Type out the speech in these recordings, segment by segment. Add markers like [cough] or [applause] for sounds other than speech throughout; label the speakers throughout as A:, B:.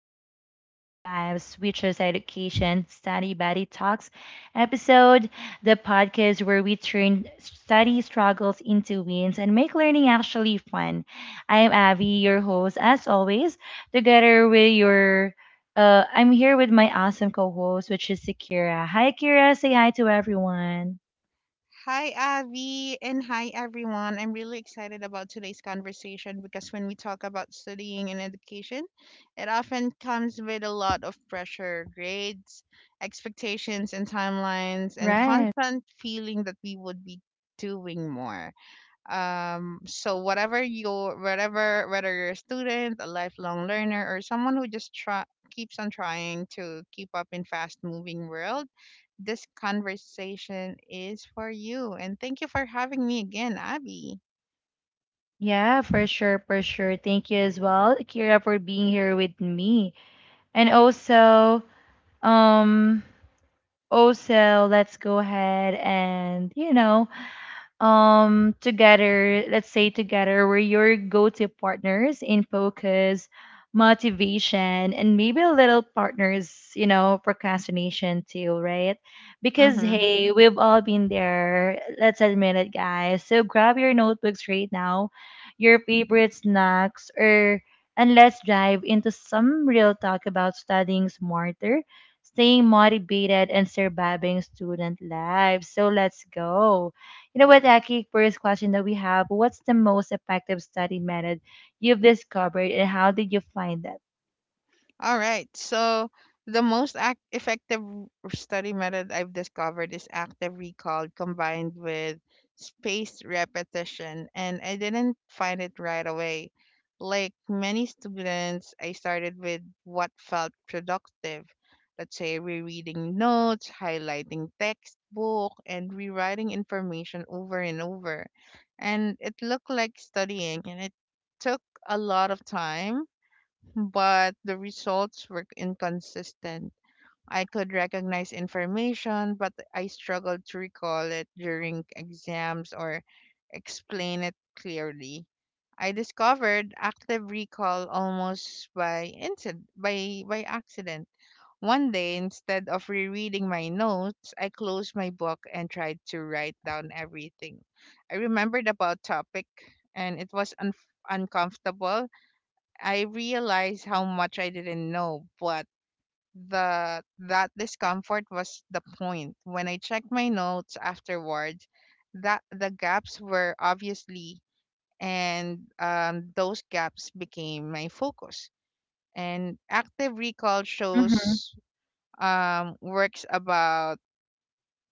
A: back to Abby Vibes, which is Education Study Buddy Talks episode, the podcast where we turn study struggles into wins and make learning actually fun. I am Abby, your host, as always, together with your. I'm here with my awesome co-host, which is Akira. Hi, Akira. Say hi to everyone.
B: Hi, Avi, and hi, everyone. I'm really excited about today's conversation because when we talk about studying and education, it often comes with a lot of pressure, grades, expectations, and timelines, and
A: Right.
B: constant feeling that we would be doing more. So whatever your whatever whether you're a student, a lifelong learner, or someone who just try keeps on trying to keep up in fast moving world, this conversation is for you. And thank you for having me again, Abby.
A: Yeah, for sure, for sure. Thank you as well, Akira, for being here with me. And also, um, also, let's go ahead, and together, let's say, together, we're your go-to partners in focus, motivation, and maybe a little partners, procrastination too, right? Because,
B: Mm-hmm.
A: hey, we've all been there. Let's admit it, guys. So grab your notebooks right now, your favorite snacks, or and let's dive into some real talk about studying smarter, staying motivated, and surviving student life. So let's go. You know what, Aki? First question that we have: what's the most effective study method you've discovered, and how did you find that?
B: All right. So the most effective study method I've discovered is active recall combined with spaced repetition, and I didn't find it right away. Like many students, I started with what felt productive. Let's say rereading notes, highlighting textbook, and rewriting information over and over. And it looked like studying, and it took a lot of time, but the results were inconsistent. I could recognize information, but I struggled to recall it during exams or explain it clearly. I discovered active recall almost by incident, by accident. One day, instead of rereading my notes, I closed my book and tried to write down everything I remembered about topic, and it was uncomfortable. I realized how much I didn't know, but the that discomfort was the point. When I checked my notes afterwards, that the gaps were obviously, and those gaps became my focus. And active recall
A: Mm-hmm.
B: shows works about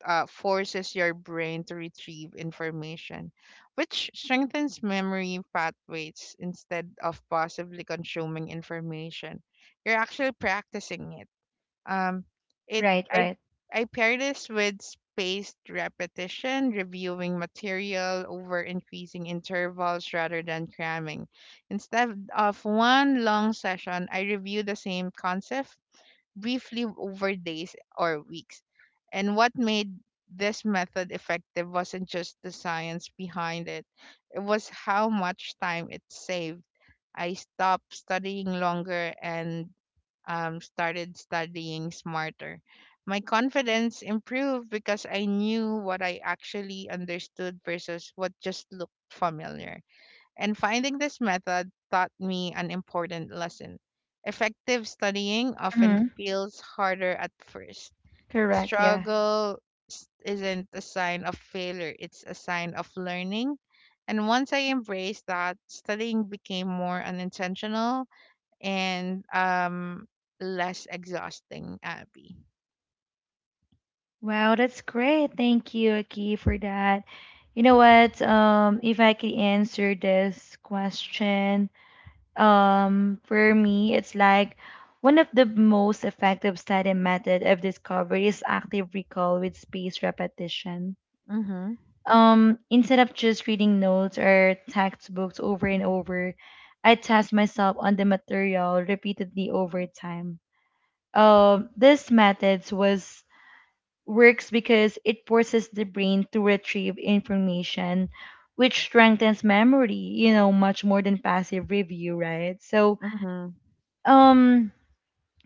B: forces your brain to retrieve information, which strengthens memory pathways instead of possibly consuming information. You're actually practicing it. Um, it
A: Right,
B: I
A: right.
B: I pair this with spaced repetition, reviewing material over increasing intervals rather than cramming. Instead of one long session, I review the same concept briefly over days or weeks. And what made this method effective wasn't just the science behind it, it was how much time it saved. I stopped studying longer and started studying smarter. My confidence improved because I knew what I actually understood versus what just looked familiar, and finding this method taught me an important lesson. Effective studying often
A: Mm-hmm.
B: feels harder at first.
A: Correct. Yeah.
B: Struggle isn't a sign of failure, it's a sign of learning. And once I embraced that, studying became more unintentional and less exhausting, Abby.
A: Wow, that's great. Thank you, Aki, for that. You know what? If I could answer this question, for me, it's like one of the most effective study method I've discovered is active recall with spaced repetition.
B: Mhm.
A: Instead of just reading notes or textbooks over and over, I test myself on the material repeatedly over time. This method was works because it forces the brain to retrieve information, which strengthens memory, much more than passive review, right? So,
B: Mhm.
A: um,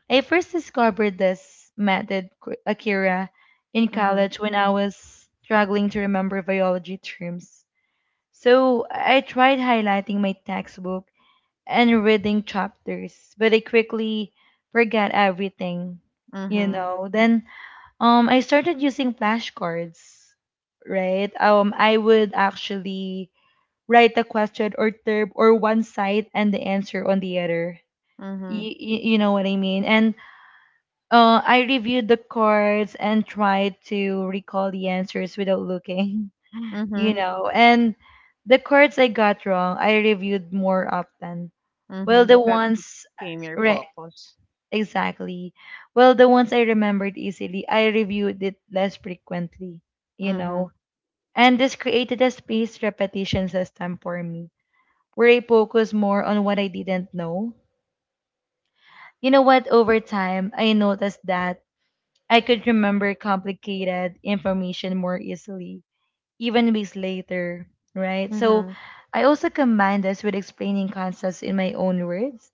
A: I first discovered this method, Akira, in
B: Mhm.
A: college when I was struggling to remember biology terms, so I tried highlighting my textbook and reading chapters, but I quickly forgot everything, you
B: Mhm.
A: know. Then I started using flashcards, right? I would actually write a question or term or one side and the answer on the other.
B: Mhm.
A: You, you know what I mean? And I reviewed the cards and tried to recall the answers without looking. [laughs]
B: Mhm.
A: And the cards I got wrong, I reviewed more often. Well,
B: Mhm.
A: the
B: That
A: ones,
B: became your
A: right,
B: focus.
A: exactly. Well, the ones I remembered easily, I reviewed it less frequently, you know.
B: Mhm.
A: And this created a spaced repetition system for me, where I focus more on what I didn't know. You know what? Over time, I noticed that I could remember complicated information more easily even weeks later, right? So
B: Mhm.
A: I also combine this with explaining concepts in my own words,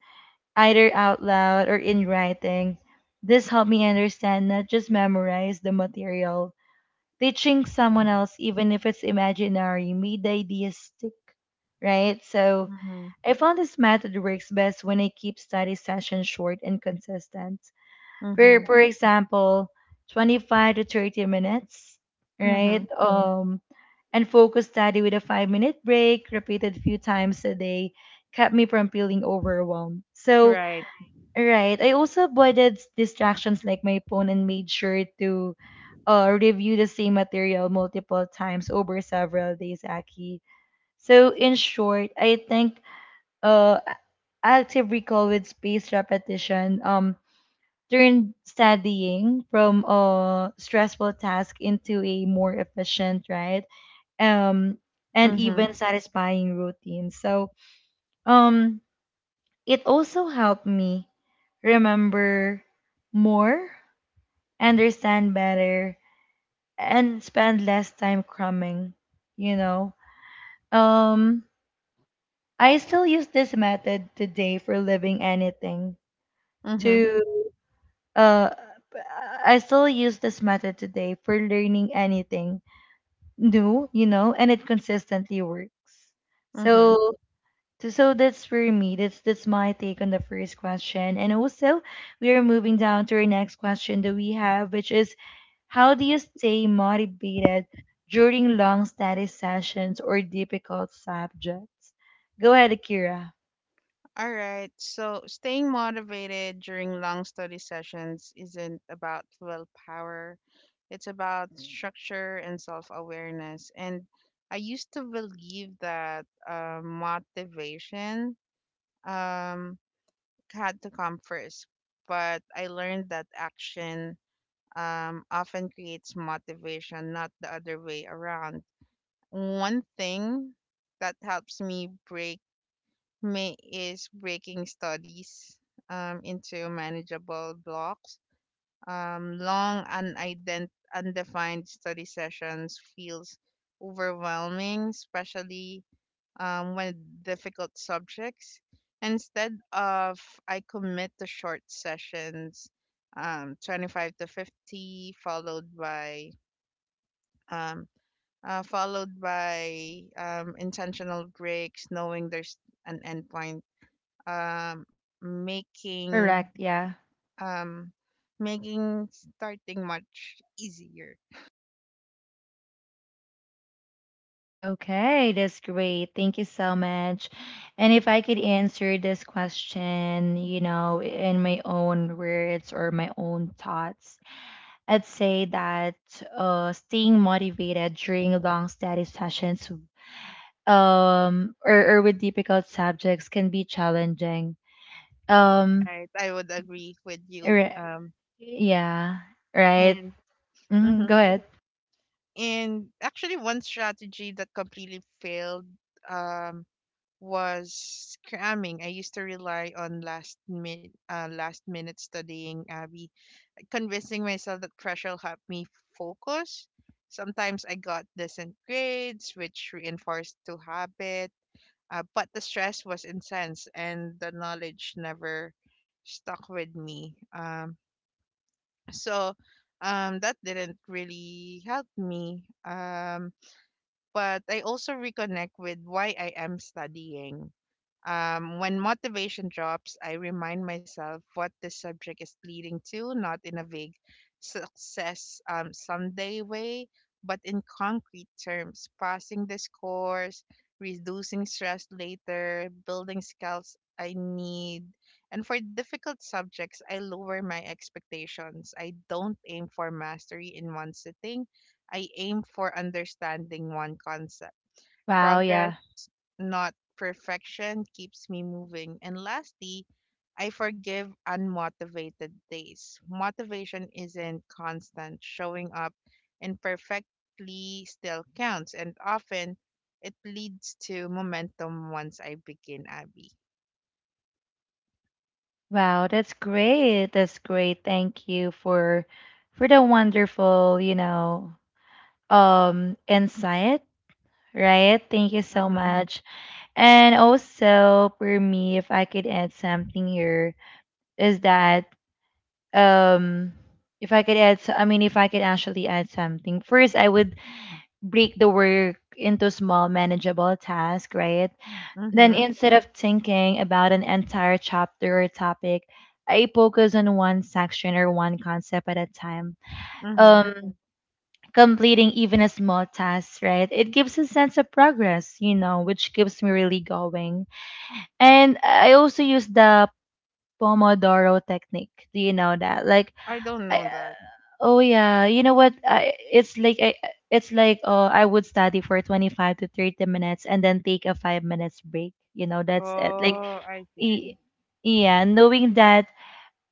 A: either out loud or in writing. This helped me understand, not just memorize the material. Teaching someone else, even if it's imaginary, made the idea stick, right? So
B: Mhm.
A: I found this method works best when I keep study sessions short and consistent. for
B: Mhm.
A: for example, 25 to 30 minutes, right?
B: Mhm.
A: Mm. And focus study with a 5-minute break repeated few times a day kept me from feeling overwhelmed. So
B: Right.
A: right, I also avoided distractions like my phone, and made sure to review the same material multiple times over several days, Aki. So, in short, I think uh active recall with spaced repetition turned studying from a stressful task into a more efficient, right? Um,
B: Mhm.
A: and even satisfying routine. So, um, it also helped me remember more, understand better, and spend less time crumbing, you know. Um, I still use this method today for living anything
B: Mhm.
A: to. uh, I still use this method today for learning anything new, you know, and it consistently works.
B: Mhm.
A: So, so, that's for me. That's my take on the first question. And also, we are moving down to our next question that we have, which is, how do you stay motivated during long study sessions or difficult subjects? Go ahead, Akira.
B: All right. So staying motivated during long study sessions isn't about willpower. It's about structure and self-awareness. And I used to believe that motivation um, had to come first, but I learned that action often creates motivation, not the other way around. One thing that helps me break May is breaking studies into manageable blocks. Long undefined study sessions feels overwhelming, especially when difficult subjects. Instead of I commit to short sessions, 25 to 50, followed by um, followed by intentional breaks, knowing there's an endpoint, um, making
A: Correct. Yeah.
B: um, making starting much easier.
A: Okay, that's great. Thank you so much. And if I could answer this question, in my own words or my own thoughts, I'd say that staying motivated during long study sessions, or with difficult subjects can be challenging. Um,
B: Right, I would agree with you.
A: ri- yeah, right.
B: And
A: Mhm, go
B: mhm.
A: ahead.
B: And actually, one strategy that completely failed um, was cramming. I used to rely on last minute studying, Abby, convincing myself that pressure will help me focus. Sometimes I got decent grades, which reinforced to habit. But the stress was intense and the knowledge never stuck with me. So that didn't really help me. But I also reconnect with why I am studying. When motivation drops, I remind myself what the subject is leading to, not in a vague success someday way, but in concrete terms, passing this course, reducing stress later, building skills I need. And for difficult subjects, I lower my expectations. I don't aim for mastery in one sitting. I aim for understanding one concept.
A: Wow,
B: Progress,
A: yeah.
B: not perfection, keeps me moving. And lastly, I forgive unmotivated days. Motivation isn't constant. Showing up imperfectly still counts, and often it leads to momentum once I begin, Abby.
A: Wow, that's great. That's great. Thank you for the wonderful, you know, insight, right? Thank you so
B: Mm-hmm.
A: much. And also for me, if I could add something here, is that um if I could add, so- I mean, if I could actually add something, first I would break the work into small, manageable tasks, right? Then,
B: Mm-hmm.
A: instead of thinking about an entire chapter or topic, I focus on one section or one concept at a time.
B: Mm-hmm.
A: Um, Completing even a small task, right? It gives a sense of progress, which keeps me really going. And I also use the Pomodoro technique. Do you know that? Like,
B: I don't
A: I,
B: know that.
A: oh yeah, you know what? I it's like oh I would study for 25 to 30 minutes and then take a 5 minutes break. You know, that's it. Like,
B: Oh, I
A: Y-
B: see.
A: Yeah, knowing that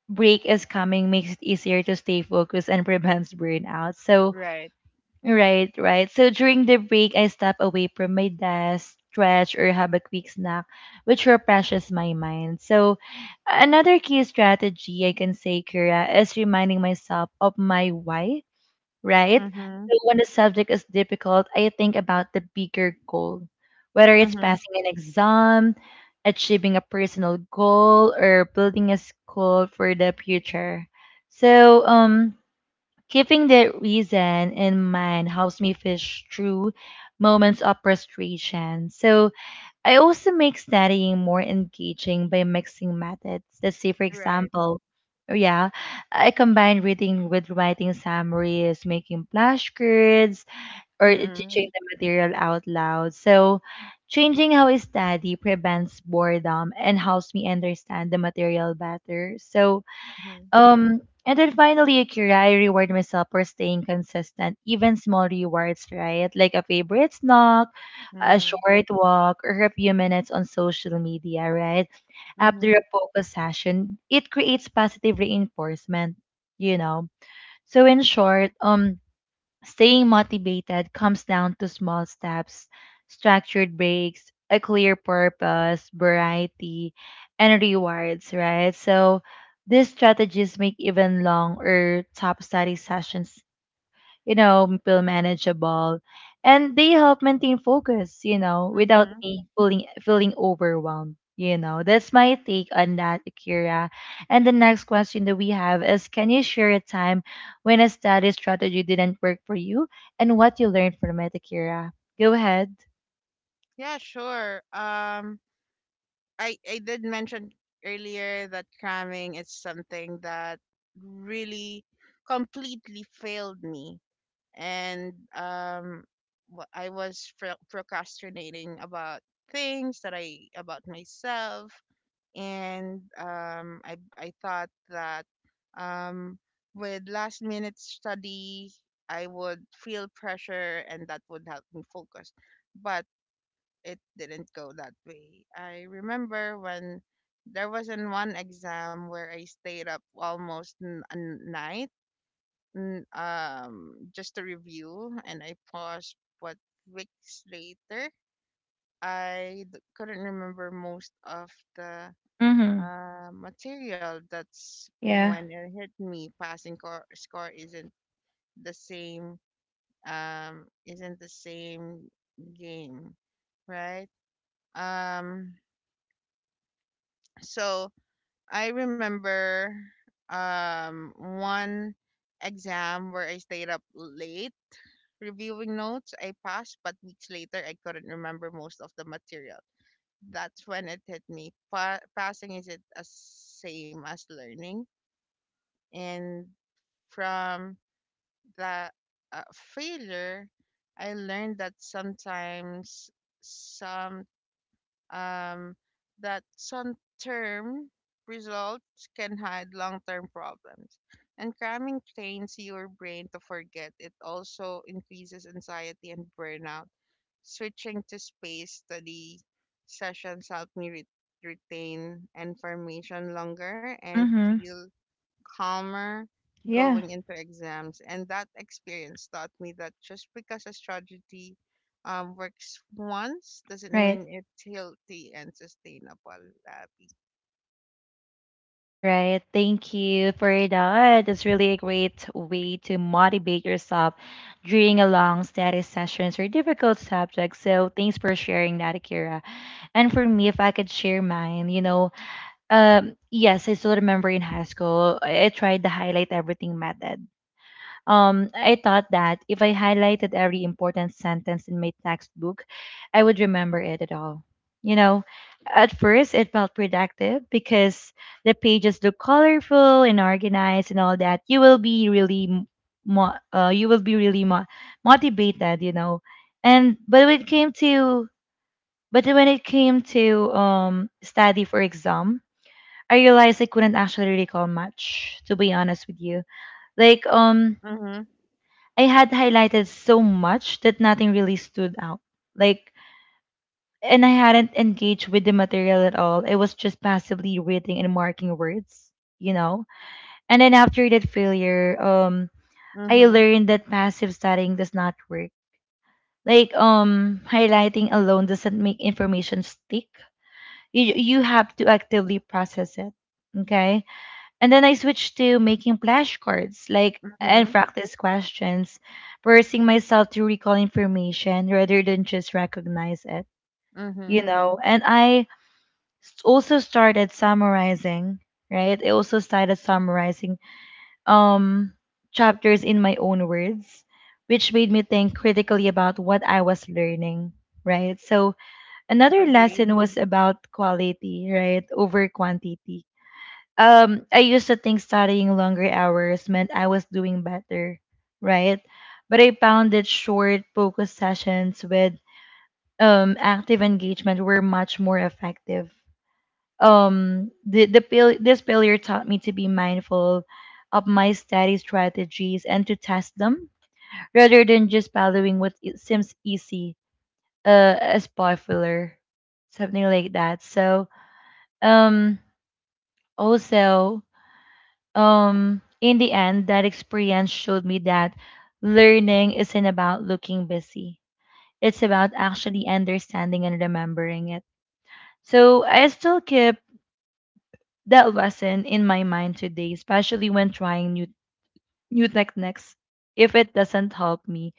A: break is coming makes it easier to stay focused and prevents burnout. So,
B: Right.
A: right, right. So, during the break, I step away from my desk, stretch, or have a quick snack, which refreshes my mind. So, another key strategy I can say, Kira, is reminding myself of my why, right?
B: Mm-hmm.
A: So when the subject is difficult, I think about the bigger goal, whether it's
B: Mm-hmm.
A: passing an exam, achieving a personal goal, or building a school for the future. So, keeping the reason in mind helps me fish through moments of frustration. So, I also make studying more engaging by mixing methods. Let's say, for
B: Right.
A: example, oh, yeah, I combine reading with writing summaries, making flashcards, or
B: Mm-mm.
A: teaching the material out loud. So, changing how I study prevents boredom and helps me understand the material better. So,
B: Mhm,
A: um, and then finally, Akira, I reward myself for staying consistent. Even small rewards, right? Like a favorite snack, a
B: mhm,
A: short walk, or a few minutes on social media, right? After
B: mhm,
A: a focus session, it creates positive reinforcement, you know. So, in short, staying motivated comes down to small steps, structured breaks, a clear purpose, variety, and rewards, right? So these strategies make even long or top study sessions, feel manageable. And they help maintain focus, without
B: mhm.
A: me feeling overwhelmed. You know, that's my take on that, Akira. And the next question that we have is, can you share a time when a study strategy didn't work for you and what you learned from it, Akira? Go ahead.
B: Yeah, sure. I did mention earlier that cramming is something that really completely failed me, and I was procrastinating about things that I about myself, and I thought that um, with last minute study I would feel pressure and that would help me focus, but it didn't go that way. I remember when there was in one exam where I stayed up almost a night, just to review, and I paused what weeks later. I couldn't remember most of the
A: Mm-hmm.
B: material. That's
A: Yeah.
B: when it hit me. Score isn't the same. Isn't the same game, right? Um, so I remember one exam where I stayed up late reviewing notes. I passed, but weeks later I couldn't remember most of the material. That's when it hit me. Passing isn't as same as learning. And from that failure, I learned that sometimes some um, some term results can hide long-term problems. And cramming trains your brain to forget. It also increases anxiety and burnout. Switching to space study sessions help me retain information longer and
A: Mm-hmm.
B: feel calmer
A: Yeah.
B: going into exams. And that experience taught me that just because a strategy works once doesn't
A: Right.
B: mean it's healthy and sustainable, Abby.
A: Right. Thank you for that. It's really a great way to motivate yourself during a long study sessions or difficult subjects. So thanks for sharing that, Akira. And for me, if I could share mine, yes, I still remember in high school, I tried the highlight everything method. I thought that if I highlighted every important sentence in my textbook, I would remember it at all. You know, at first it felt productive because the pages look colorful and organized and all that. You will be really, mo- uh, you will be really mo- motivated. And but when it came to, but when it came to study for exam, I realized I couldn't actually recall much. To be honest with you, like,
B: Mhm.
A: I had highlighted so much that nothing really stood out. Like, and I hadn't engaged with the material at all. I was just passively reading and marking words, you know? And then after that failure, I
B: Mhm.
A: learned that passive studying does not work. Like, highlighting alone doesn't make information stick. You have to actively process it. Okay. And then I switched to making flashcards, like and
B: Mhm.
A: practice questions, forcing myself to recall information rather than just recognize it, you
B: Mhm.
A: know. And I also started summarizing, right? I also started summarizing um chapters in my own words, which made me think critically about what I was learning, right? So another
B: Agree.
A: lesson was about quality, right, over quantity. I used to think studying longer hours meant I was doing better, right? But I found that short focused sessions with active engagement were much more effective. This failure taught me to be mindful of my study strategies and to test them rather than just following what it seems easy, as popular, something like that. So, um also, in the end, that experience showed me that learning isn't about looking busy, it's about actually understanding and remembering it. So I still keep that lesson in my mind today, especially when trying new tech next. If it doesn't help me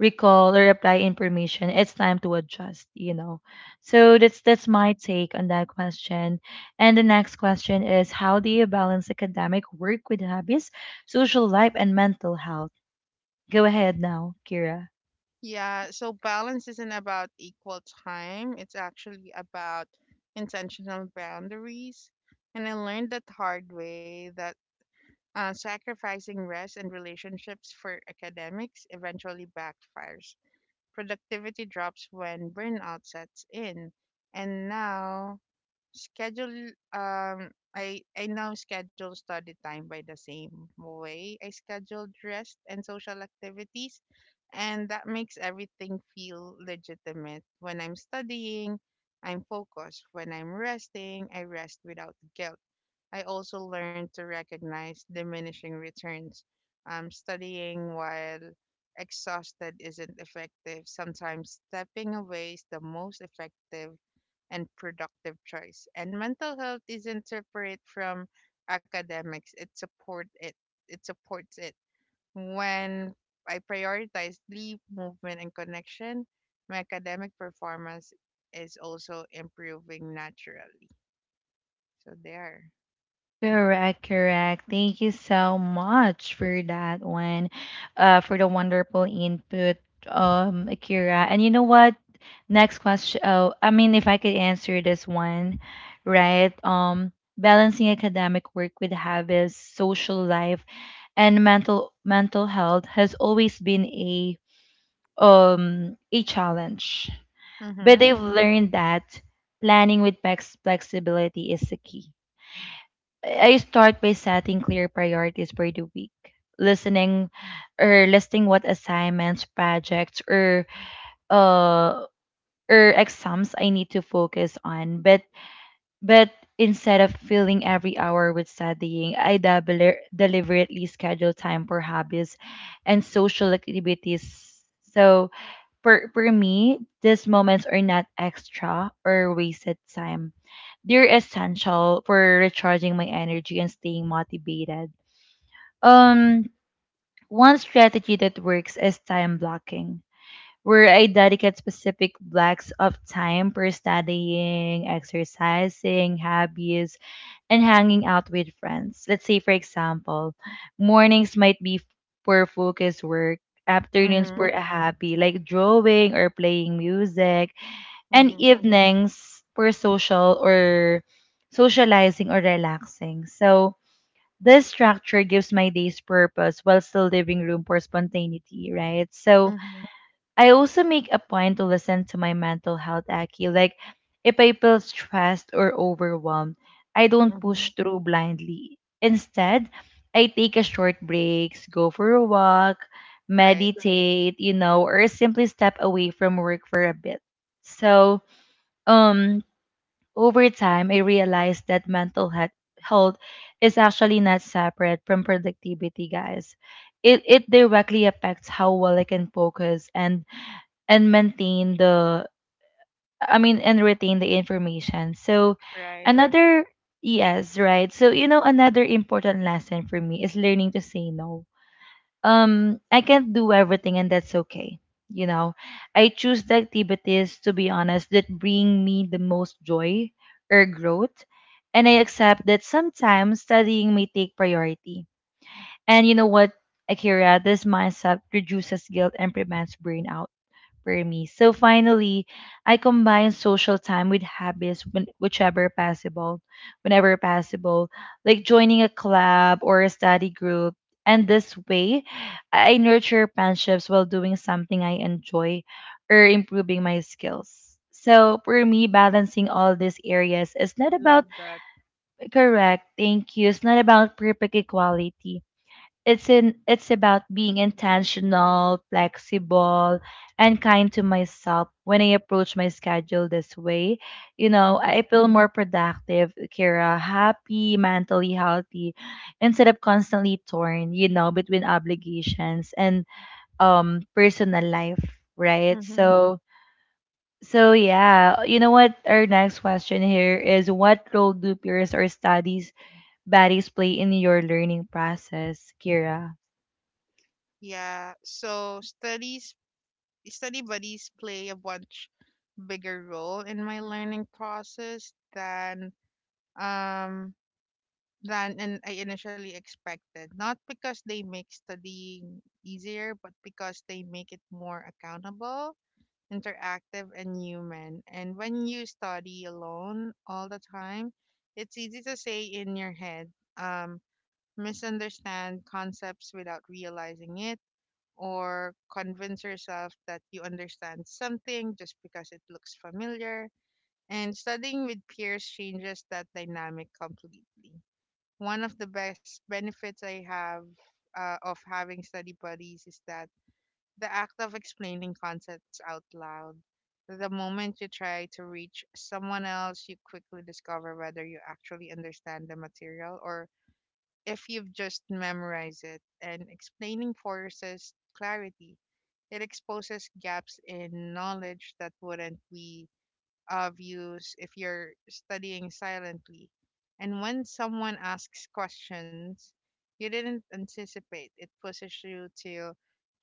A: recall or apply information, it's time to adjust, So that's my take on that question. And the next question is, how do you balance academic work with hobbies, social life, and mental health? Go ahead now, Kira.
B: Yeah, so balance isn't about equal time. It's actually about intentional boundaries. And I learned that hard way that sacrificing rest and relationships for academics eventually backfires. Productivity drops when burnout sets in. And now I now schedule study time by the same way I scheduled rest and social activities, and that makes everything feel legitimate. When I'm studying, I'm focused. When I'm resting, I rest without guilt. I also learned to recognize diminishing returns. Studying while exhausted isn't effective. Sometimes stepping away is the most effective and productive choice. And mental health isn't separate from academics. It supports it. When I prioritize sleep, movement, and connection, my academic performance is also improving naturally. So there.
A: Correct, correct. Thank you so much for that one, for the wonderful input, Akira. And you know what? Next question. Oh, I mean, if I could answer this one, right? Balancing academic work with habits, social life, and mental health has always been a challenge. But
B: Mhm.
A: they've learned that planning with flexibility is the key. I start by setting clear priorities for the week, listening or listing what assignments, projects, or uh or exams I need to focus on. But instead of filling every hour with studying, I double deliberately schedule time for hobbies and social activities. So for me, these moments are not extra or wasted time. They're essential for recharging my energy and staying motivated. Um, one strategy that works is time blocking, where I dedicate specific blocks of time for studying, exercising, hobbies, and hanging out with friends. Let's say, for example, mornings might be for focused work, afternoons for
B: Mhm.
A: a hobby like drawing or playing music, and
B: Mhm.
A: evenings for socializing or relaxing. So this structure gives my days purpose while still leaving room for spontaneity, right? So
B: Mhm.
A: I also make a point to listen to my mental health, Aki. Like, if I feel stressed or overwhelmed, I don't
B: Mhm.
A: push through blindly. Instead, I take a short breaks, go for a walk,
B: Right,
A: meditate, you know, or simply step away from work for a bit. So, um, over time, I realized that mental health is actually not separate from productivity, guys. It directly affects how well I can focus and maintain the I mean and retain the information. So
B: right.
A: another yes, right. So you know another important lesson for me is learning to say no. I can't do everything, and that's okay. You know, I choose the activities, to be honest, that bring me the most joy or growth, and I accept that sometimes studying may take priority. And you know what, Akira, this mindset reduces guilt and prevents burnout for me. So finally, I combine social time with habits whenever possible, like joining a club or a study group. And this way, I nurture friendships while doing something I enjoy or improving my skills. So for me, balancing all these areas is not about
B: Love that.
A: correct. Thank you. It's not about perfect equality. It's about being intentional, flexible, and kind to myself. When I approach my schedule this way, you know,
B: Mhm.
A: I feel more productive, Kira, happy, mentally healthy, instead of constantly torn, you know, between obligations and personal life, right?
B: Mhm.
A: So so yeah, you know what? Our next question here is what role do peers or studies buddies play in your learning process, Kira?
B: Yeah. So studies study buddies play a much bigger role in my learning process um than and I initially expected. Not because they make studying easier, but because they make it more accountable, interactive, and human. And when you study alone all the time, it's easy to say in your head, um, misunderstand concepts without realizing it, or convince yourself that you understand something just because it looks familiar. And studying with peers changes that dynamic completely. One of the best benefits I have of having study buddies is that the act of explaining concepts out loud. The moment you try to reach someone else, you quickly discover whether you actually understand the material or if you've just memorized it. And explaining forces clarity. It exposes gaps in knowledge that wouldn't be of use if you're studying silently. And when someone asks questions you didn't anticipate, it pushes you to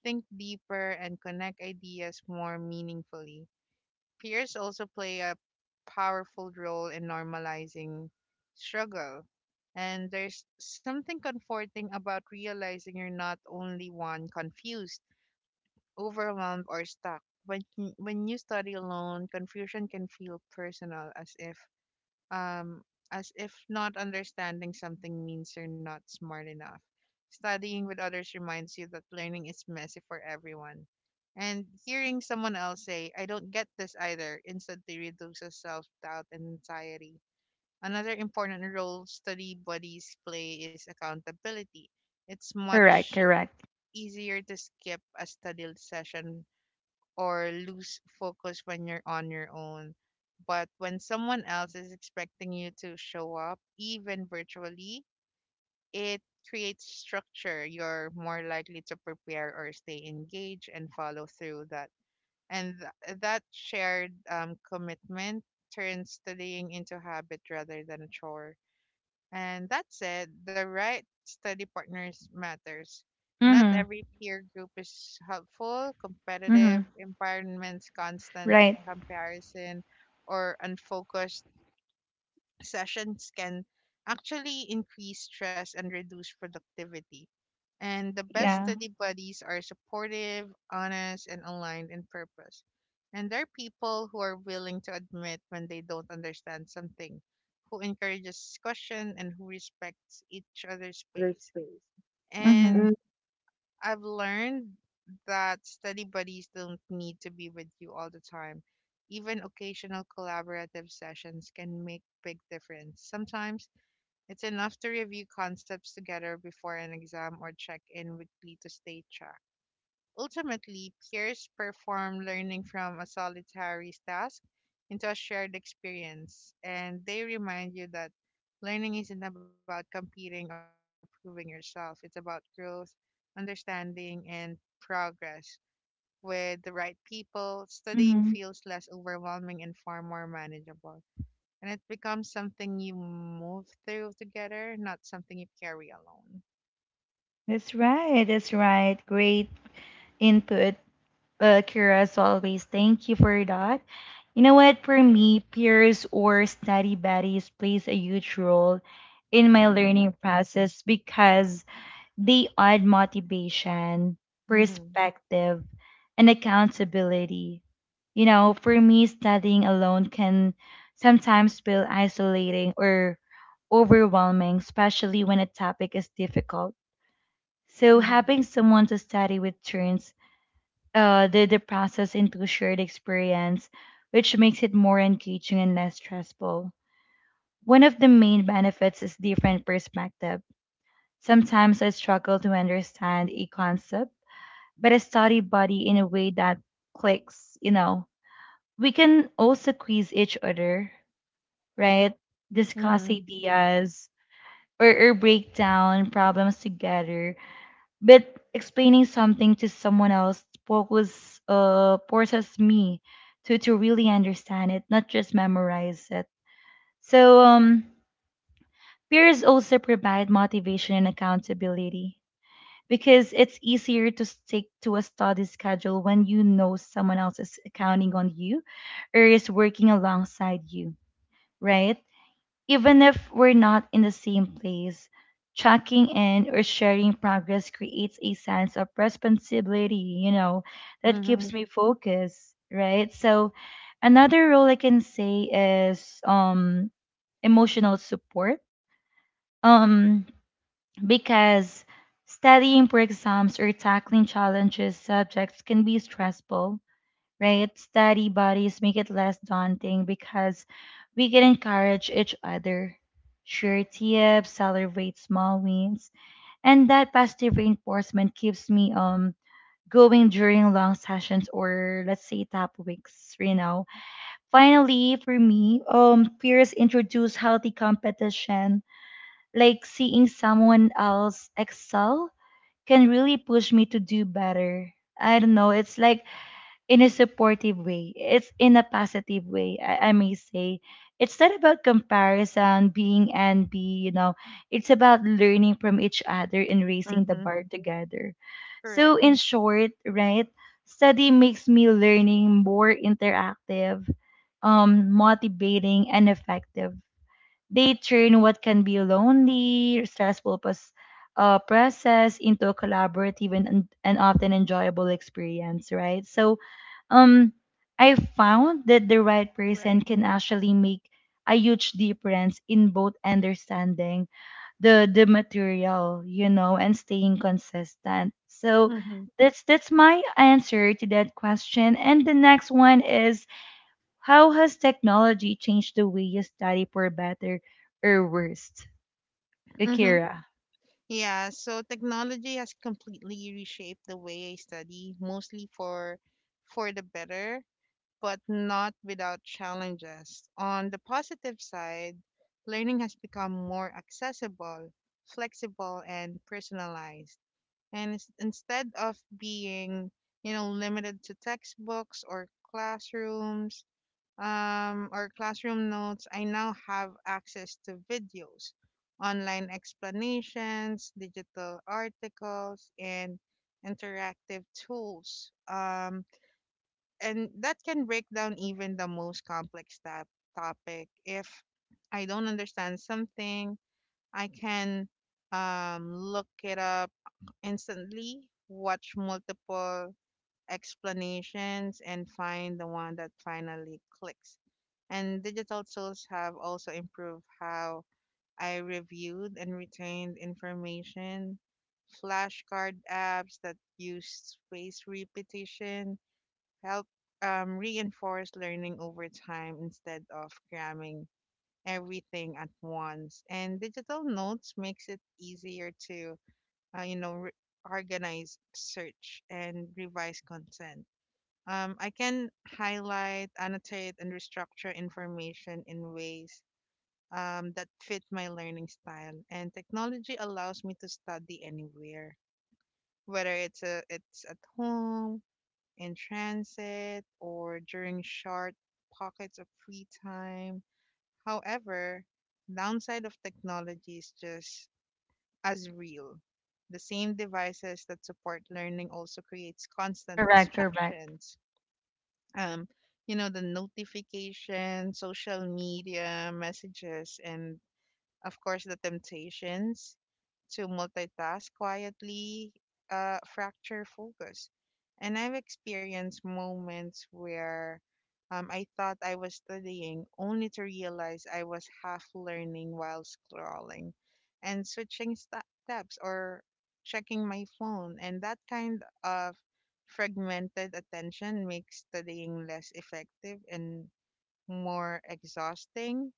B: think deeper, and connect ideas more meaningfully. Peers also play a powerful role in normalizing struggle. And there's something comforting about realizing you're not only one confused, overwhelmed, or stuck. When you study alone, confusion can feel personal um, as if not understanding something means you're not smart enough. Studying with others reminds you that learning is messy for everyone. And hearing someone else say, I don't get this either, instantly reduces self doubt and anxiety. Another important role study buddies play is accountability. It's
A: Correct,
B: much
A: correct.
B: easier to skip a study session or lose focus when you're on your own. But when someone else is expecting you to show up, even virtually, it creates structure. You're more likely to prepare or stay engaged and follow through that. And that shared commitment turns studying into habit rather than a chore. And that said, the right study partners matters. Not
A: Mm-hmm.
B: every peer group is helpful,
A: Mm-hmm.
B: competitive environments, constant
A: Right.
B: comparison, or unfocused sessions can actually increase stress and reduce productivity, and the best
A: Yeah.
B: study buddies are supportive, honest, and aligned in purpose. And they're people who are willing to admit when they don't understand something, who encourages discussion, and who respects each other's space.
A: Mm-hmm.
B: And
A: Mm.
B: I've learned that study buddies don't need to be with you all the time. Even occasional collaborative sessions can make big difference. Sometimes it's enough to review concepts together before an exam or check in weekly to stay track. Ultimately, peers perform learning from a solitary task into a shared experience, and they remind you that learning isn't about competing or proving yourself, it's about growth, understanding, and progress. With the right people, studying
A: Mm-hmm.
B: feels less overwhelming and far more manageable, and it becomes something you move through together, not something you carry alone.
A: That's right. That's right. Great input, Kira, as always. Thank you for that. You know what? For me, peers or study buddies plays a huge role in my learning process because they add motivation,
B: Mm-hmm.
A: perspective, and accountability. You know, for me, studying alone can sometimes feel isolating or overwhelming, especially when a topic is difficult. So,
B: Mm-hmm.
A: having someone to study with turns the process into a shared experience, which makes it more engaging and less stressful. One of the main benefits is different perspective. Sometimes I struggle to understand a concept, but a study buddy in a way that clicks, you know. We can also quiz each other, right? Discuss
B: Mm-hmm.
A: ideas or break down problems together. But explaining something to someone else focus forces me to really understand it, not just memorize it. So peers also provide motivation and accountability because it's easier to stick to a study schedule when you know someone else is counting on you or is working alongside you, right? Even if we're not in the same place, checking in or sharing progress creates a sense of responsibility, you know, that keeps
B: Mm-hmm.
A: me focused, right? So another role I can say is emotional support. Um because studying for exams or tackling challenges subjects can be stressful, right? Study buddies make it less daunting because we can encourage each other, share tips, celebrate small wins, and that positive reinforcement keeps me going during long sessions or let's say top weeks, you know. Finally, for me, peers introduce healthy competition, like seeing someone else excel can really push me to do better. I don't know. It's like in a supportive way. It's in a positive way. I may say it's not about comparison, being envy. You know, it's about learning from each other and raising the
B: Mm-hmm.
A: bar together.
B: Correct.
A: So in short, right, study makes me learning more interactive, motivating, and effective. They turn what can be a lonely, stressful process into a collaborative and often enjoyable experience, right? So, um, I found that the right person
B: Right.
A: can actually make a huge difference in both understanding the material, you know, and staying consistent. So
B: Mm-hmm.
A: that's my answer to that question. And the next one is how has technology changed the way you study, for better or worse?
B: Mm-hmm.
A: Akira.
B: Yeah. So technology has completely reshaped the way I study, mostly for the better, but not without challenges. On the positive side, learning has become more accessible, flexible, and personalized. And instead of being, limited to textbooks or classrooms, or classroom notes, I now have access to videos, online explanations, digital articles, and interactive tools. And that can break down even the most complex topic. If I don't understand something, I can look it up instantly, watch multiple explanations, and find the one that finally clicks. And digital tools have also improved how I reviewed and retained information. Flashcard apps that use spaced repetition help reinforce learning over time instead of cramming everything at once. And digital notes makes it easier to uh, you know, re- organize, search, and revise content. I can highlight, annotate, and restructure information in ways that fit my learning style. And technology allows me to study anywhere, whether it's at home, in transit, or during short pockets of free time. However, downside of technology is just as real. The same devices that support learning also creates constant
A: Correct, correct.
B: distractions. Um, you know, the notification, social media, messages, and of course, the temptations to multitask quietly fracture focus. And I've experienced moments where I thought I was studying only to realize I was half learning while scrolling and switching tabs or checking my phone. And that kind of fragmented attention makes studying less effective and more exhausting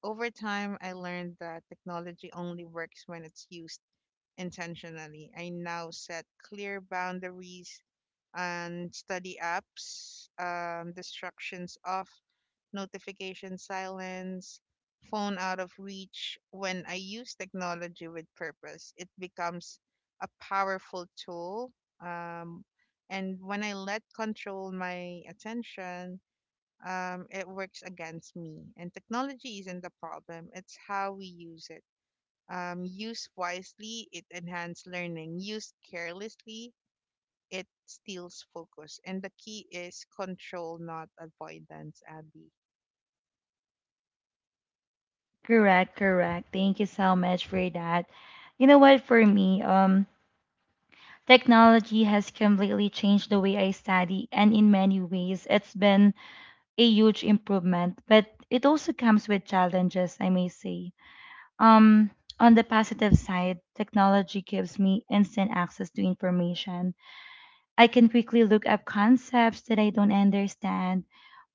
B: over time. I learned that technology only works when it's used intentionally. I now set clear boundaries and study apps, distractions off, notification silence, phone out of reach. When I use technology with purpose, it becomes a powerful tool. Um, and when I let control my attention, it works against me. And technology isn't the problem, it's how we use it. Use wisely, it enhances learning. Use carelessly, it steals focus. And the key is control, not avoidance, Abby.
A: Correct, correct. Thank you so much for that. You know what, for me, technology has completely changed the way I study, and in many ways, it's been a huge improvement, but it also comes with challenges, I may say. Um, on the positive side, technology gives me instant access to information. I can quickly look up concepts that I don't understand,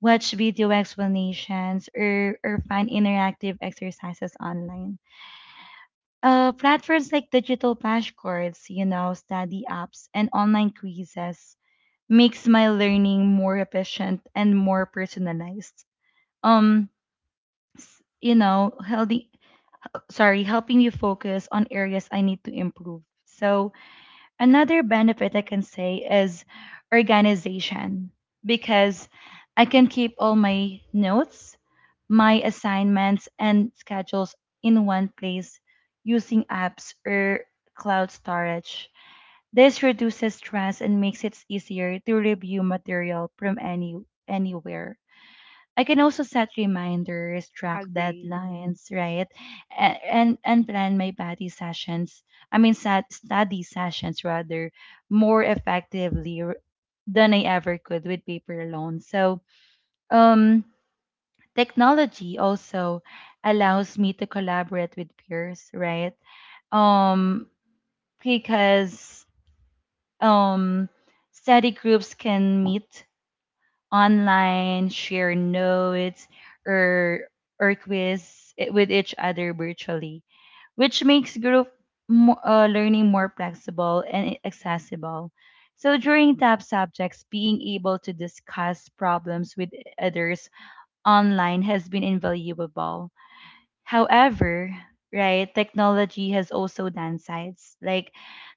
A: watch video explanations, or find interactive exercises online. Platforms like digital flashcards, you know, study apps, and online quizzes makes my learning more efficient and more personalized. Um, you know, helping you focus on areas I need to improve. So another benefit I can say is organization, because I can keep all my notes, my assignments, and schedules in one place using apps or cloud storage. This reduces stress and makes it easier to review material from anywhere. I can also set reminders, track
B: Agreed.
A: deadlines, right? And plan my body sessions. I mean, sat, study sessions rather more effectively than I ever could with paper alone. So, um, technology also allows me to collaborate with peers, right? Um, because um, study groups can meet online, share notes, or or quiz with each other virtually, which makes group learning more flexible and accessible. So during tough subjects, being able to discuss problems with others online has been invaluable. However, right, technology has also downsides. Like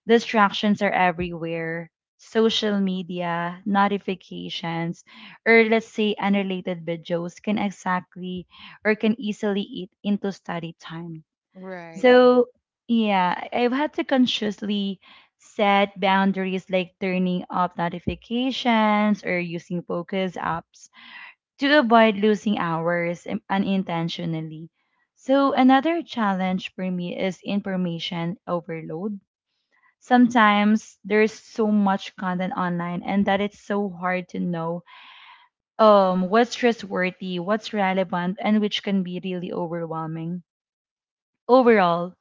A: distractions are everywhere. Social media, notifications, or let's say unrelated videos can exactly or can easily eat into study time.
B: Right.
A: So, yeah, I've had to consciously set boundaries like turning off notifications or using focus apps to avoid losing hours unintentionally. So another challenge for me is information overload. Sometimes there's so much content online and that it's so hard to know what's trustworthy, what's relevant, and which can be really overwhelming. Overall,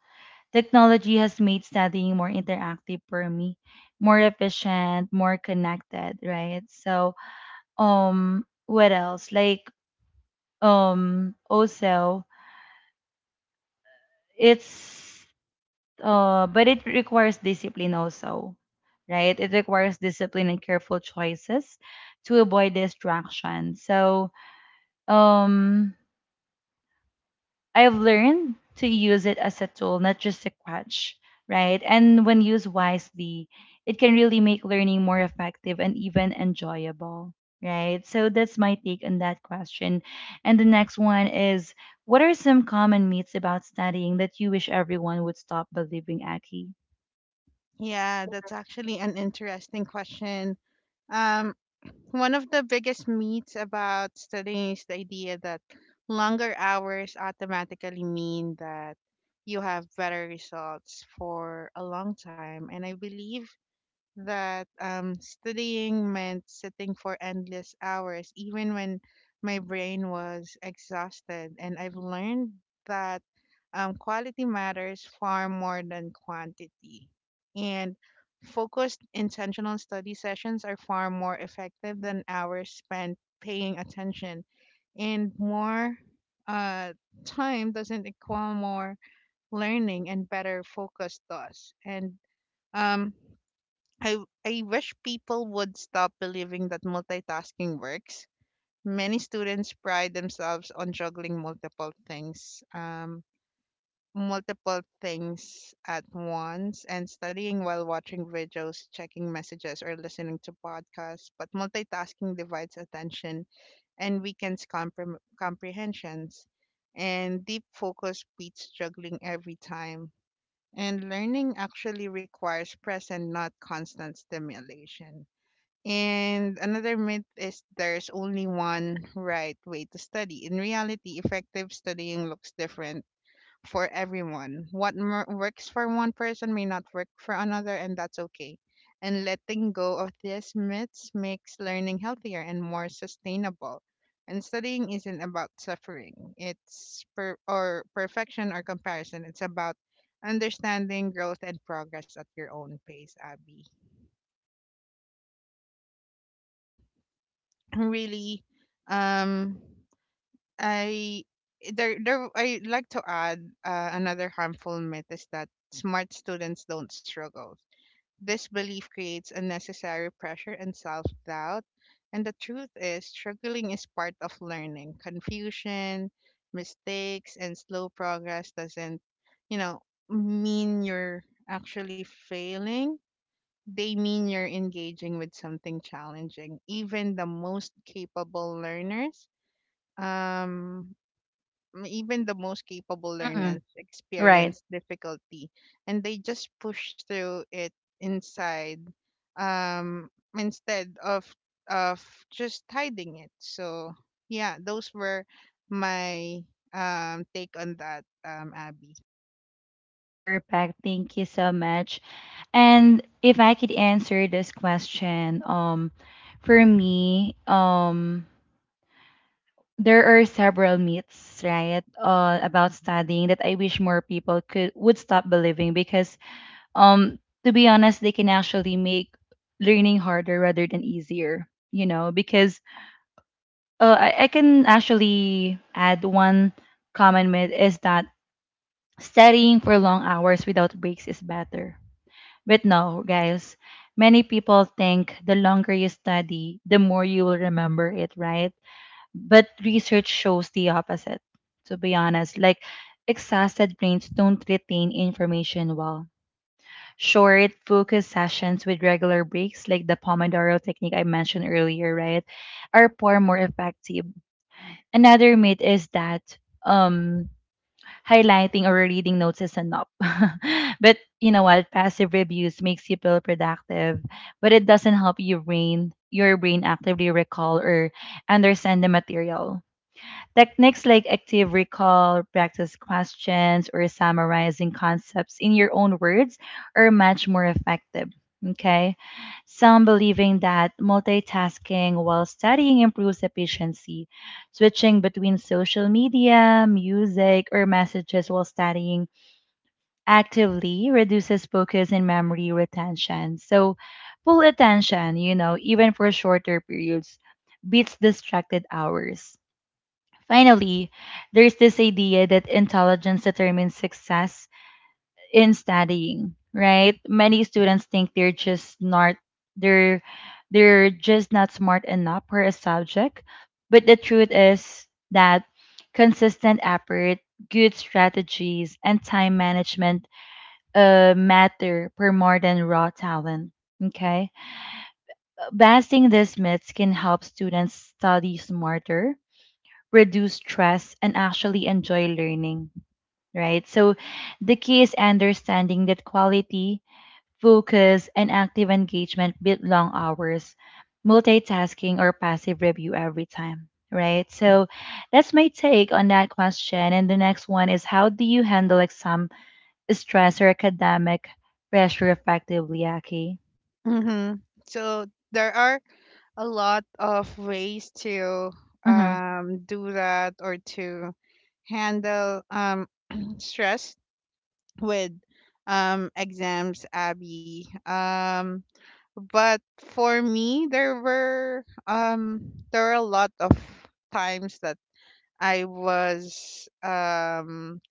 A: technology has made studying more interactive for me, more efficient, more connected, right? So, what else? Like also it's but it requires discipline also, right? It requires discipline and careful choices to avoid distraction. So, um I've learned to use it as a tool, not just a crutch, right? And when used wisely, it can really make learning more effective and even enjoyable, right? So that's my take on that question. And the next one is what are some common myths about studying that you wish everyone would stop believing, Aki?
B: Yeah, that's actually an interesting question. Um, One of the biggest myths about studying is the idea that longer hours automatically mean that you have better results for a long time. And I believe that studying meant sitting for endless hours, even when my brain was exhausted. And I've learned that quality matters far more than quantity. And focused, intentional study sessions are far more effective than hours spent paying attention. And more uh, time doesn't equal more learning, and better focus does. And um, I I wish people would stop believing that multitasking works. Many students pride themselves on juggling multiple things, multiple things at once, and studying while watching videos, checking messages, or listening to podcasts. But multitasking divides attention and weakens comprehensions. And deep focus beats juggling every time. And learning actually requires present, not constant stimulation. And another myth is there's only one right way to study. In reality, effective studying looks different for everyone. What works for one person may not work for another, and that's okay. And letting go of these myths makes learning healthier and more sustainable. And studying isn't about suffering, or perfection or comparison. It's about understanding growth and progress at your own pace, Abby. So really um I there there I like to add another harmful myth is that smart students don't struggle. This belief creates unnecessary pressure and self-doubt, and the truth is struggling is part of learning. Confusion, mistakes, and slow progress doesn't, you know mean you're actually failing. They mean you're engaging with something challenging. Even the most capable learners, um, m- even the most capable
A: Hmm.
B: learners
A: Right.
B: experience difficulty, and they just push through it inside, um, instead of of just hiding it. So yeah, those were my take on that, Abby.
A: Perfect. Thank you so much. And if I could answer this question, for me, there are several myths, right, about studying that I wish more people could would stop believing because, um, to be honest, they can actually make learning harder rather than easier. You know, because I can actually add one. Common myth is that studying for long hours without breaks is better. But no, guys, many people think the longer you study, the more you will remember it, right? But research shows the opposite, to be honest. Like, exhausted brains don't retain information well. Short, focused sessions with regular breaks, like the Pomodoro technique I mentioned earlier, right, are far more effective. Another myth is that um, highlighting or reading notes is enough. [laughs] But you know what? Passive reviews makes you feel productive, but it doesn't help your brain actively recall or understand the material. Techniques like active recall, practice questions, or summarizing concepts in your own words are much more effective. Okay. Some believing that multitasking while studying improves efficiency. Switching between social media, music, or messages while studying actively reduces focus and memory retention. So, full attention, you know, even for shorter periods, beats distracted hours. Finally, there's this idea that intelligence determines success in studying, right? Many students think they're they're just not smart enough for a subject, but the truth is that consistent effort, good strategies, and time management matter for more than raw talent. Okay, busting these myths can help students study smarter reduce stress, and actually enjoy learning, right? So the key is understanding that quality, focus, and active engagement build long hours, multitasking, or passive review every time. Right. So that's my take on that question. And the next one is how do you handle exam stress or academic pressure effectively, Aki?
B: Mm-hmm. So there are a lot of ways to
A: Mm-hmm.
B: do that or to handle stress with exams, Abby. But for me, there were a lot of times that I was um,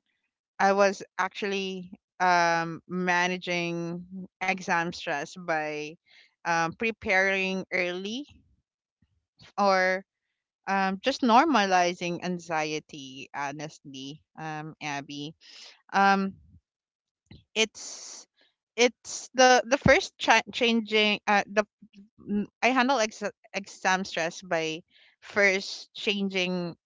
B: I was actually managing exam stress by preparing early or just normalizing anxiety honestly, Abby. um it's it's the first cha- changing the m- I handle exam stress by first changing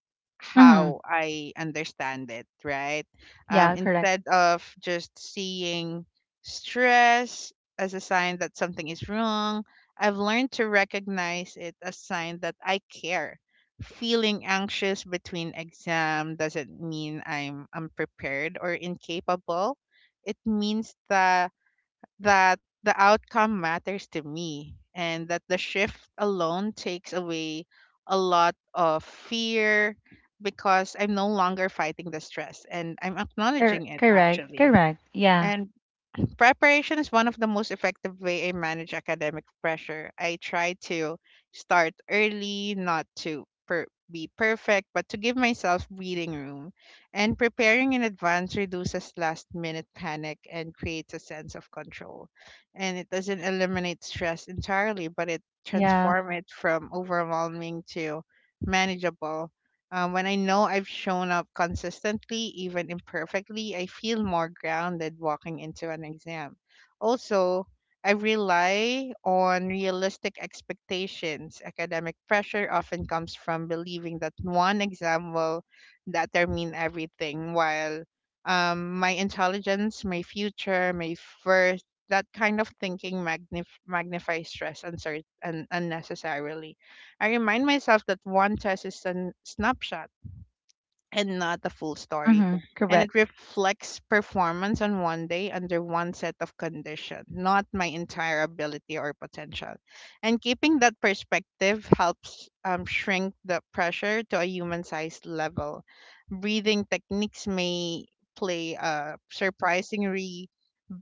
A: Mm-hmm.
B: how I understand it, right?
A: Yeah, correct.
B: Instead of just seeing stress as a sign that something is wrong, I've learned to recognize it as sign that I care. Feeling anxious between exam doesn't mean I'm unprepared or incapable. It means that the outcome matters to me, and that the shift alone takes away a lot of fear because I'm no longer fighting the stress and I'm acknowledging it
A: Correct.
B: actually.
A: Correct. Yeah.
B: And preparation is one of the most effective way I manage academic pressure. I try to start early, not to be perfect, but to give myself breathing room. And preparing in advance reduces last minute panic and creates a sense of control. And it doesn't eliminate stress entirely, but it
A: Yeah.
B: transforms it from overwhelming to manageable. When I know I've shown up consistently, even imperfectly, I feel more grounded walking into an exam. Also, I rely on realistic expectations. Academic pressure often comes from believing that one exam will determine everything, while my intelligence, my future, my worth, that kind of thinking magnifies stress unnecessarily. I remind myself that one test is a snapshot and not the full story,
A: Mm-hmm.
B: and
A: Correct.
B: it reflects performance on one day under one set of conditions, not my entire ability or potential. And keeping that perspective helps shrink the pressure to a human sized level. Breathing techniques may play a surprisingly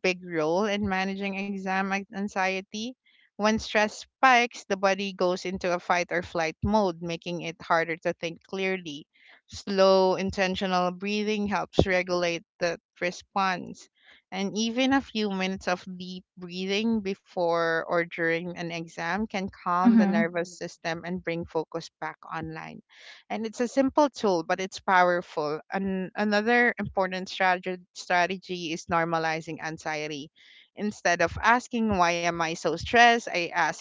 B: big role in managing exam anxiety. When stress spikes, the body goes into a fight or flight mode, making it harder to think clearly. Slow, intentional breathing helps regulate the response. And even a few minutes of deep breathing before or during an exam can calm the
A: Mm-hmm.
B: nervous system and bring focus back online. And it's a simple tool, but it's powerful. And another important strategy is normalizing anxiety. Instead of asking why am I so stressed, I ask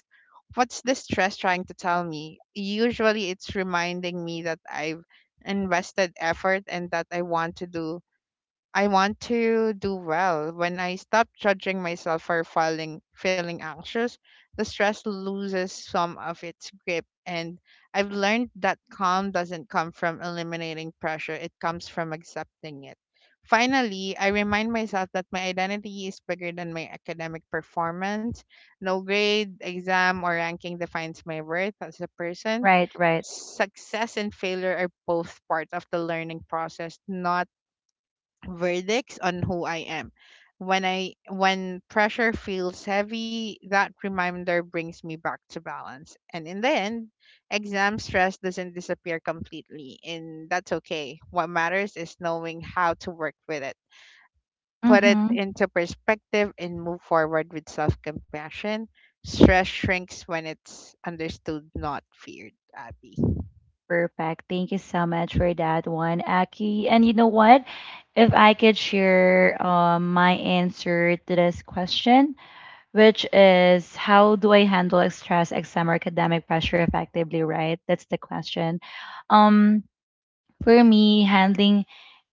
B: what's this stress trying to tell me. Usually it's reminding me that I've invested effort and that I want to do well. When I stop judging myself for feeling anxious, the stress loses some of its grip, and I've learned that calm doesn't come from eliminating pressure, it comes from accepting it. Finally, I remind myself that my identity is bigger than my academic performance. No grade, exam, or ranking defines my worth as a person.
A: Right, right.
B: Success and failure are both part of the learning process, not verdicts on who I am. When pressure feels heavy, that reminder brings me back to balance. And in the end, exam stress doesn't disappear completely, and that's okay. What matters is knowing how to work with it. Put it
A: Mm-hmm.
B: into perspective and move forward with self-compassion. Stress shrinks when it's understood, not feared, Abby.
A: Perfect. Thank you so much for that one, Aki. And you know what? If I could share my answer to this question, which is how do I handle stress, exam, or academic pressure effectively, right? That's the question. Um, for me, handling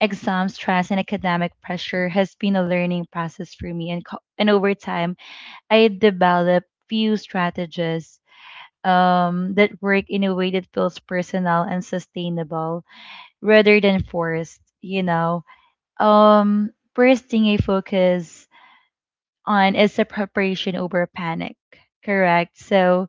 A: exam stress and academic pressure has been a learning process for me, and over time, I developed few strategies that work in a way that feels personal and sustainable rather than forced, you know. First thing I focus on is the preparation over panic, correct? So,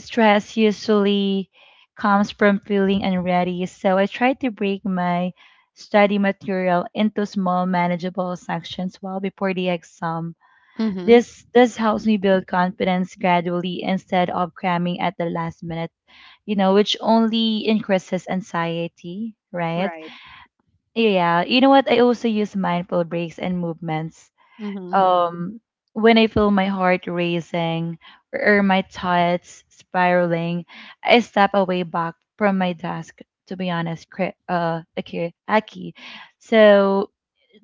A: stress usually comes from feeling unready. So, I try to break my study material into small manageable sections well before the exam.
B: Hmm.
A: This helps me build confidence gradually instead of cramming at the last minute, you know, which only increases anxiety, right?
B: Right.
A: Yeah, you know what? I also use mindful breaks and movements.
B: Mm-hmm.
A: Um, when I feel my heart racing or my thoughts spiraling, I step away back from my desk. To be honest, Aki, Aki. So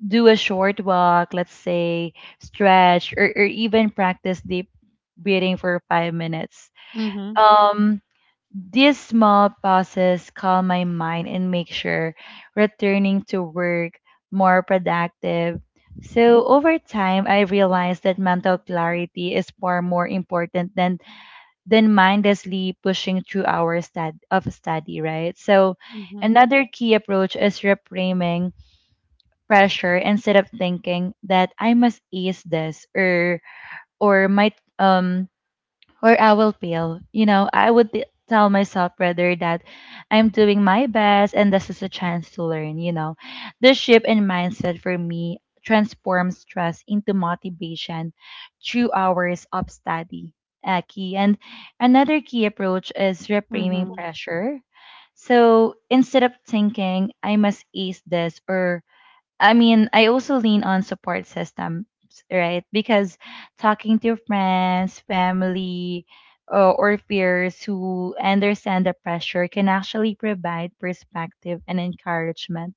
A: do a short walk, let's say stretch, or even practice deep breathing for 5 minutes.
B: Hmm.
A: Um, these small pauses calm my mind and make sure returning to work more productive. So over time, I realized that mental clarity is far more important than mindlessly pushing through hours of study, right? So
B: Hmm.
A: another key approach is reframing pressure instead of thinking that I must ace this or might um or I will fail. You know, I would tell myself rather that I'm doing my best and this is a chance to learn, you know. This shift in mindset for me transforms stress into motivation through hours of study. Key and another key approach is reframing pressure. So instead of thinking I must ace this or I mean, I also lean on support systems, right? Because talking to friends, family, or peers who understand the pressure can actually provide perspective and encouragement.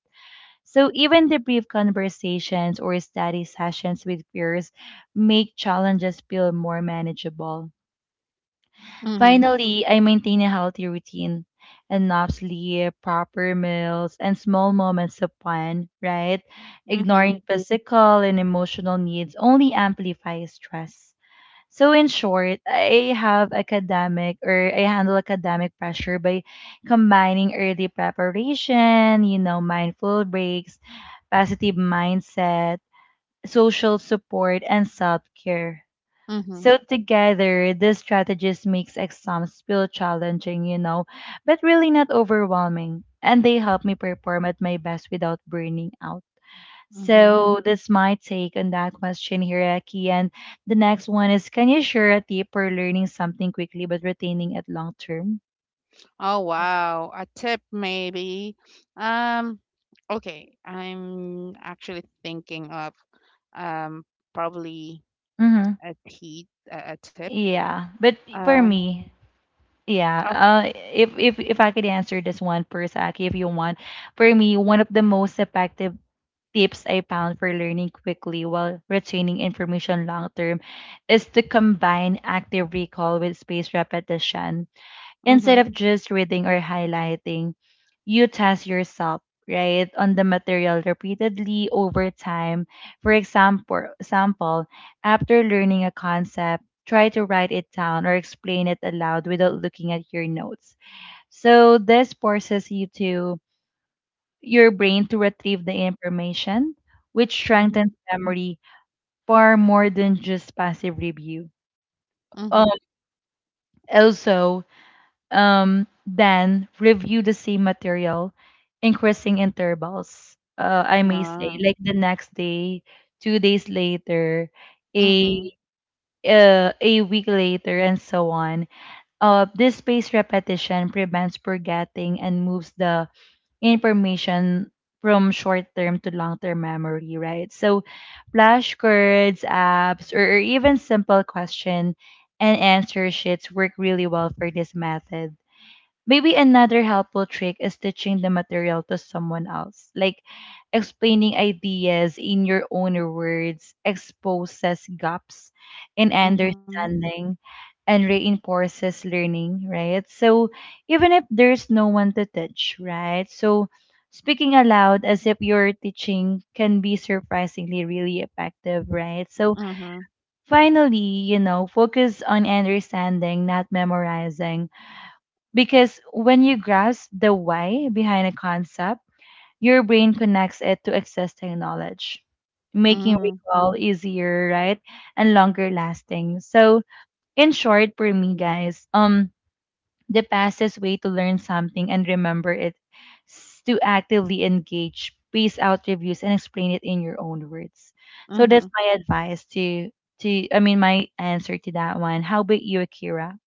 A: So, even the brief conversations or study sessions with peers make challenges feel more manageable.
B: Hmm.
A: Finally, I maintain a healthy routine, enough sleep, proper meals, and small moments of fun, right?
B: Hmm.
A: Ignoring physical and emotional needs only amplifies stress. So in short, I handle academic pressure by combining early preparation, you know, mindful breaks, positive mindset, social support, and self-care.
B: Mhm.
A: So together, this strategies makes exams feel challenging, you know, but really not overwhelming. And they help me perform at my best without burning out.
B: Mhm.
A: So that's my take on that question here, Aki. And the next one is, can you share a tip for learning something quickly but retaining it long term?
B: Oh, wow. A tip maybe. Um, okay, I'm actually thinking of um probably
A: Mm-hmm.
B: a tea a tip.
A: Yeah, but for
B: Um,
A: me, yeah.
B: oh,
A: If I could answer this one first, Aki, if you want, for me, one of the most effective tips I found for learning quickly while retaining information long term is to combine active recall with spaced repetition. Instead
B: mhm,
A: of just reading or highlighting, you test yourself, right, on the material repeatedly over time. Example, after learning a concept, try to write it down or explain it aloud without looking at your notes. So this forces your brain to retrieve the information, which strengthens
B: mhm,
A: memory far more than just passive review.
B: mhm.
A: Um, also, then review the same material, increasing intervals. I may say,
B: Ah,
A: like the next day, 2 days later,
B: mhm,
A: a a week later, and so on. This spaced repetition prevents forgetting and moves the information from short-term to long-term memory, right? So flashcards, apps, or even simple question and answer sheets work really well for this method. Maybe another helpful trick is teaching the material to someone else, like explaining ideas in your own words, exposes gaps in
B: mhm,
A: understanding and reinforces learning, right? So even if there's no one to teach, right? So speaking aloud as if you're teaching can be surprisingly really effective, right? So
B: mhm,
A: finally, you know, focus on understanding, not memorizing because when you grasp the why behind a concept, your brain connects it to existing knowledge, making
B: mhm,
A: recall easier, right? And longer lasting. So, in short, for me, guys, the fastest way to learn something and remember it is to actively engage, pace out reviews, and explain it in your own words. So that's
B: mhm.
A: my advice to I mean my answer to that one. How about you, Akira?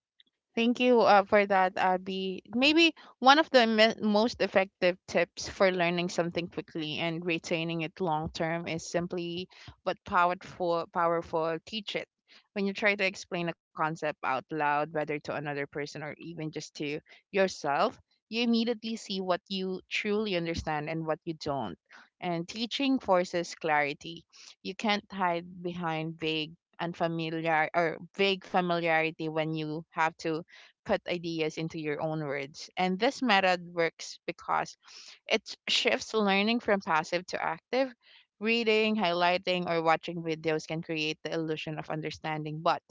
B: Thank you for that, Abby. Maybe one of the most effective tips for learning something quickly and retaining it long term is simply but powerful, powerful, teach it. When you try to explain a concept out loud, whether to another person or even just to yourself, you immediately see what you truly understand and what you don't. And teaching forces clarity. You can't hide behind vague, unfamiliar, or vague familiarity when you have to put ideas into your own words. And this method works because it shifts learning from passive to active. Reading, highlighting, or watching videos can create the illusion of understanding, but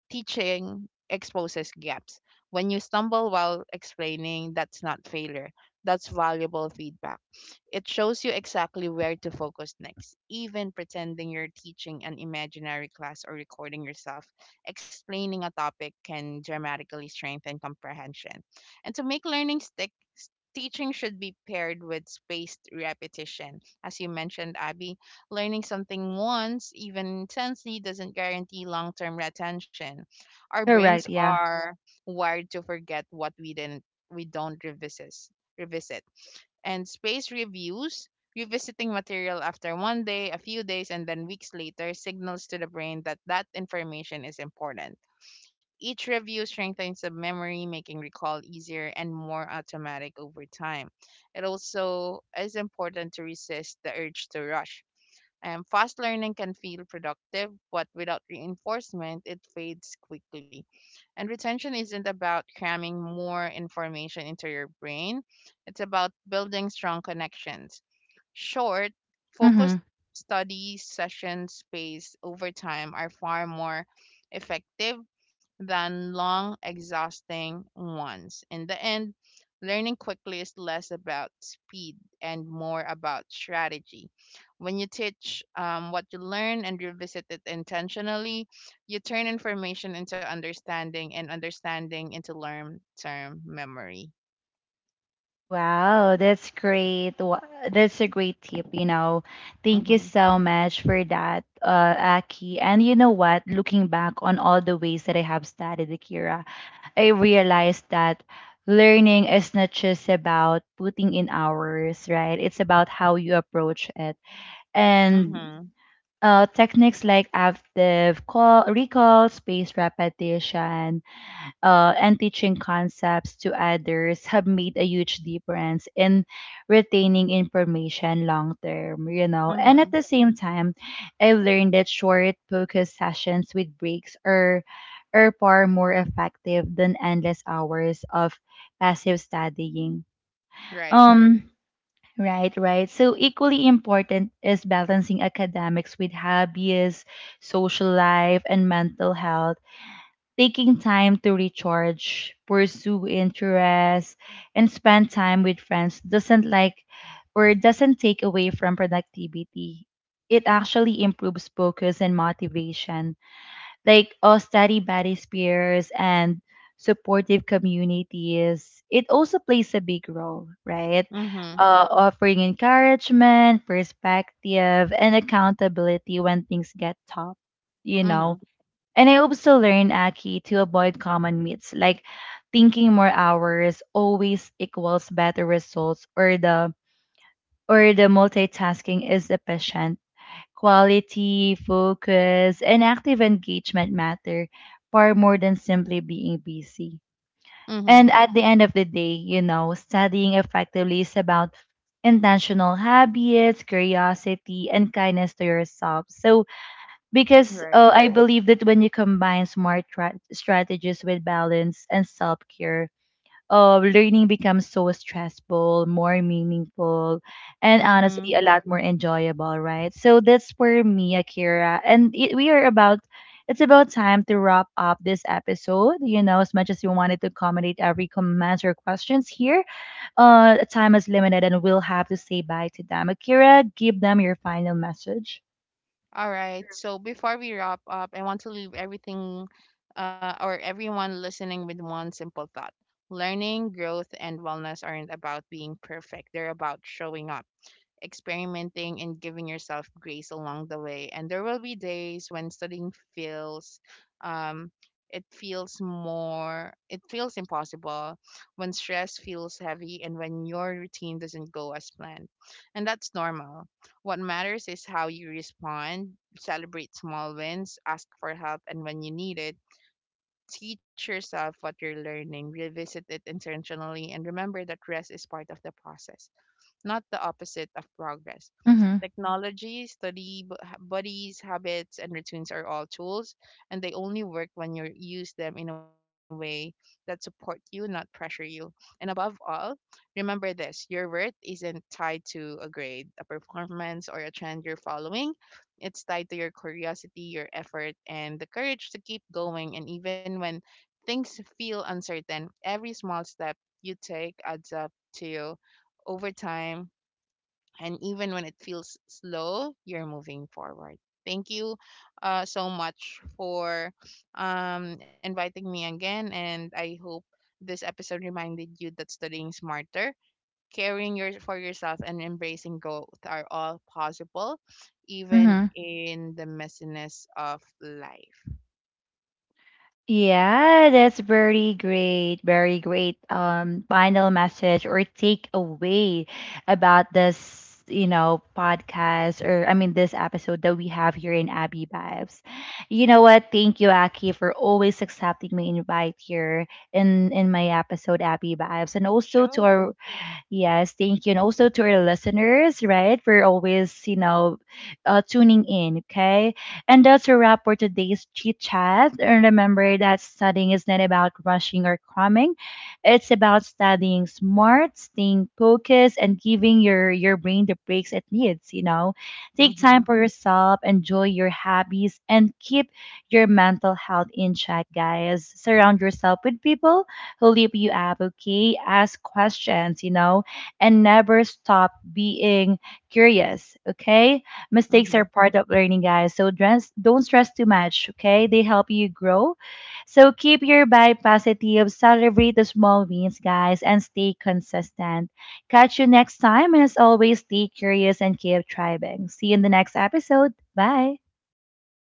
B: teaching exposes gaps. When you stumble while explaining, that's not failure. That's valuable feedback. It shows you exactly where to focus next. Even pretending you're teaching an imaginary class or recording yourself explaining a topic can dramatically strengthen comprehension. And to make learning stick, s- teaching should be paired with spaced repetition. As you mentioned, Abby, learning something once, even intensely, doesn't guarantee long term retention. Our brains
A: Correct, yeah.
B: are wired to forget what we don't revisit. And space reviews, revisiting material after one day, a few days, and then weeks later signals to the brain that that information is important. Each review strengthens the memory, making recall easier and more automatic over time. It also is important to resist the urge to rush. Fast learning can feel productive, but without reinforcement, it fades quickly. And retention isn't about cramming more information into your brain, it's about building strong connections. Short, focused
A: Mm-hmm.
B: study session space over time are far more effective than long, exhausting ones. In the end, learning quickly is less about speed and more about strategy. When you teach what you learn and revisit it intentionally, you turn information into understanding and understanding into long term memory.
A: Wow, that's great. That's a great tip, you know. Thank you
B: Mm-hmm.
A: so much for that, Aki. And you know what? Looking back on all the ways that I have studied Akira, I realized that learning is not just about putting in hours, right? It's about how you approach it. And
B: Mm-hmm.
A: techniques like recall, space repetition, and teaching concepts to others have made a huge difference in retaining information long term, you know. And
B: Mm-hmm.
A: at the same time, I've learned that short focused sessions with breaks are far more effective than endless hours of passive studying.
B: Right.
A: Um right. So equally important is balancing academics with hobbies, social life, and mental health taking time to recharge, pursue interests, and spend time with friends doesn't like or doesn't take away from productivity. It actually improves focus and motivation. Like a study buddies, peers, and supportive communities, it also plays a big role, right?
B: Mm-hmm.
A: Offering encouragement, perspective, and accountability when things get tough. You
B: Mm-hmm.
A: know, and I also learned, Aki, to avoid common myths like thinking more hours always equals better results or the multitasking is efficient. Quality, focus, and active engagement matter far more than simply being busy.
B: Mm-hmm.
A: And at the end of the day, you know, studying effectively is about intentional habits, curiosity, and kindness to yourself. So because
B: Right.
A: I believe that when you combine smart strategies with balance and self care, learning becomes so stressful, more meaningful, and honestly,
B: Mm-hmm.
A: a lot more enjoyable, right? So that's for me, Akira. And it, we are about, it's about time to wrap up this episode. You know, as much as we wanted to accommodate every comments or questions here, time is limited and we'll have to say bye to them. Akira, give them your final message.
B: All right. So before we wrap up, I want to leave everything or everyone listening with one simple thought. Learning, growth, and wellness aren't about being perfect. They're about showing up, experimenting, and giving yourself grace along the way. And there will be days when studying feels um it feels impossible, when stress feels heavy, and when your routine doesn't go as planned. And that's normal. What matters is how you respond, celebrate small wins, ask for help and when you need it, teach yourself what you're learning, revisit it intentionally, and remember that rest is part of the process, not the opposite of progress.
A: Mm-hmm.
B: Technology, buddies, habits, and routines are all tools, and they only work when you use them in a way that support you, not pressure you. And above all, remember this: your worth isn't tied to a grade, a performance, or a trend you're following. It's tied to your curiosity, your effort, and the courage to keep going. And even when things feel uncertain, every small step you take adds up to over time. And even when it feels slow, you're moving forward. Thank you so much for inviting me again, and I hope this episode reminded you that studying smarter, caring your, for yourself, and embracing growth are all possible even
A: Mm-hmm.
B: in the messiness of life.
A: Yeah, that's very great, very great final message or takeaway about this, you know, podcast or this episode that we have here in Abby Vibes. You know what? Thank you, Aki, for always accepting my invite here in my episode Abby Vibes, and also to
B: Sure.
A: our Yes, thank you. And also to our listeners, right? For always, you know, tuning in, okay? And that's a wrap for today's chit chat. And remember that studying is not about rushing or cramming, it's about studying smart, staying focused, and giving your brain the breaks it needs, you know? Take
B: Mm-hmm.
A: time for yourself, enjoy your hobbies, and keep your mental health in check, guys. Surround yourself with people who lift you up, okay? Ask questions, you know? And never stop being curious. Okay. Mistakes are
B: Mm-hmm.
A: part of learning, guys. So dress, don't stress too much. Okay. They help you grow. So keep your vibe positive, celebrate the small wins, guys, and stay consistent. Catch you next time. And as always, stay curious and keep thriving. See you in the next episode. Bye.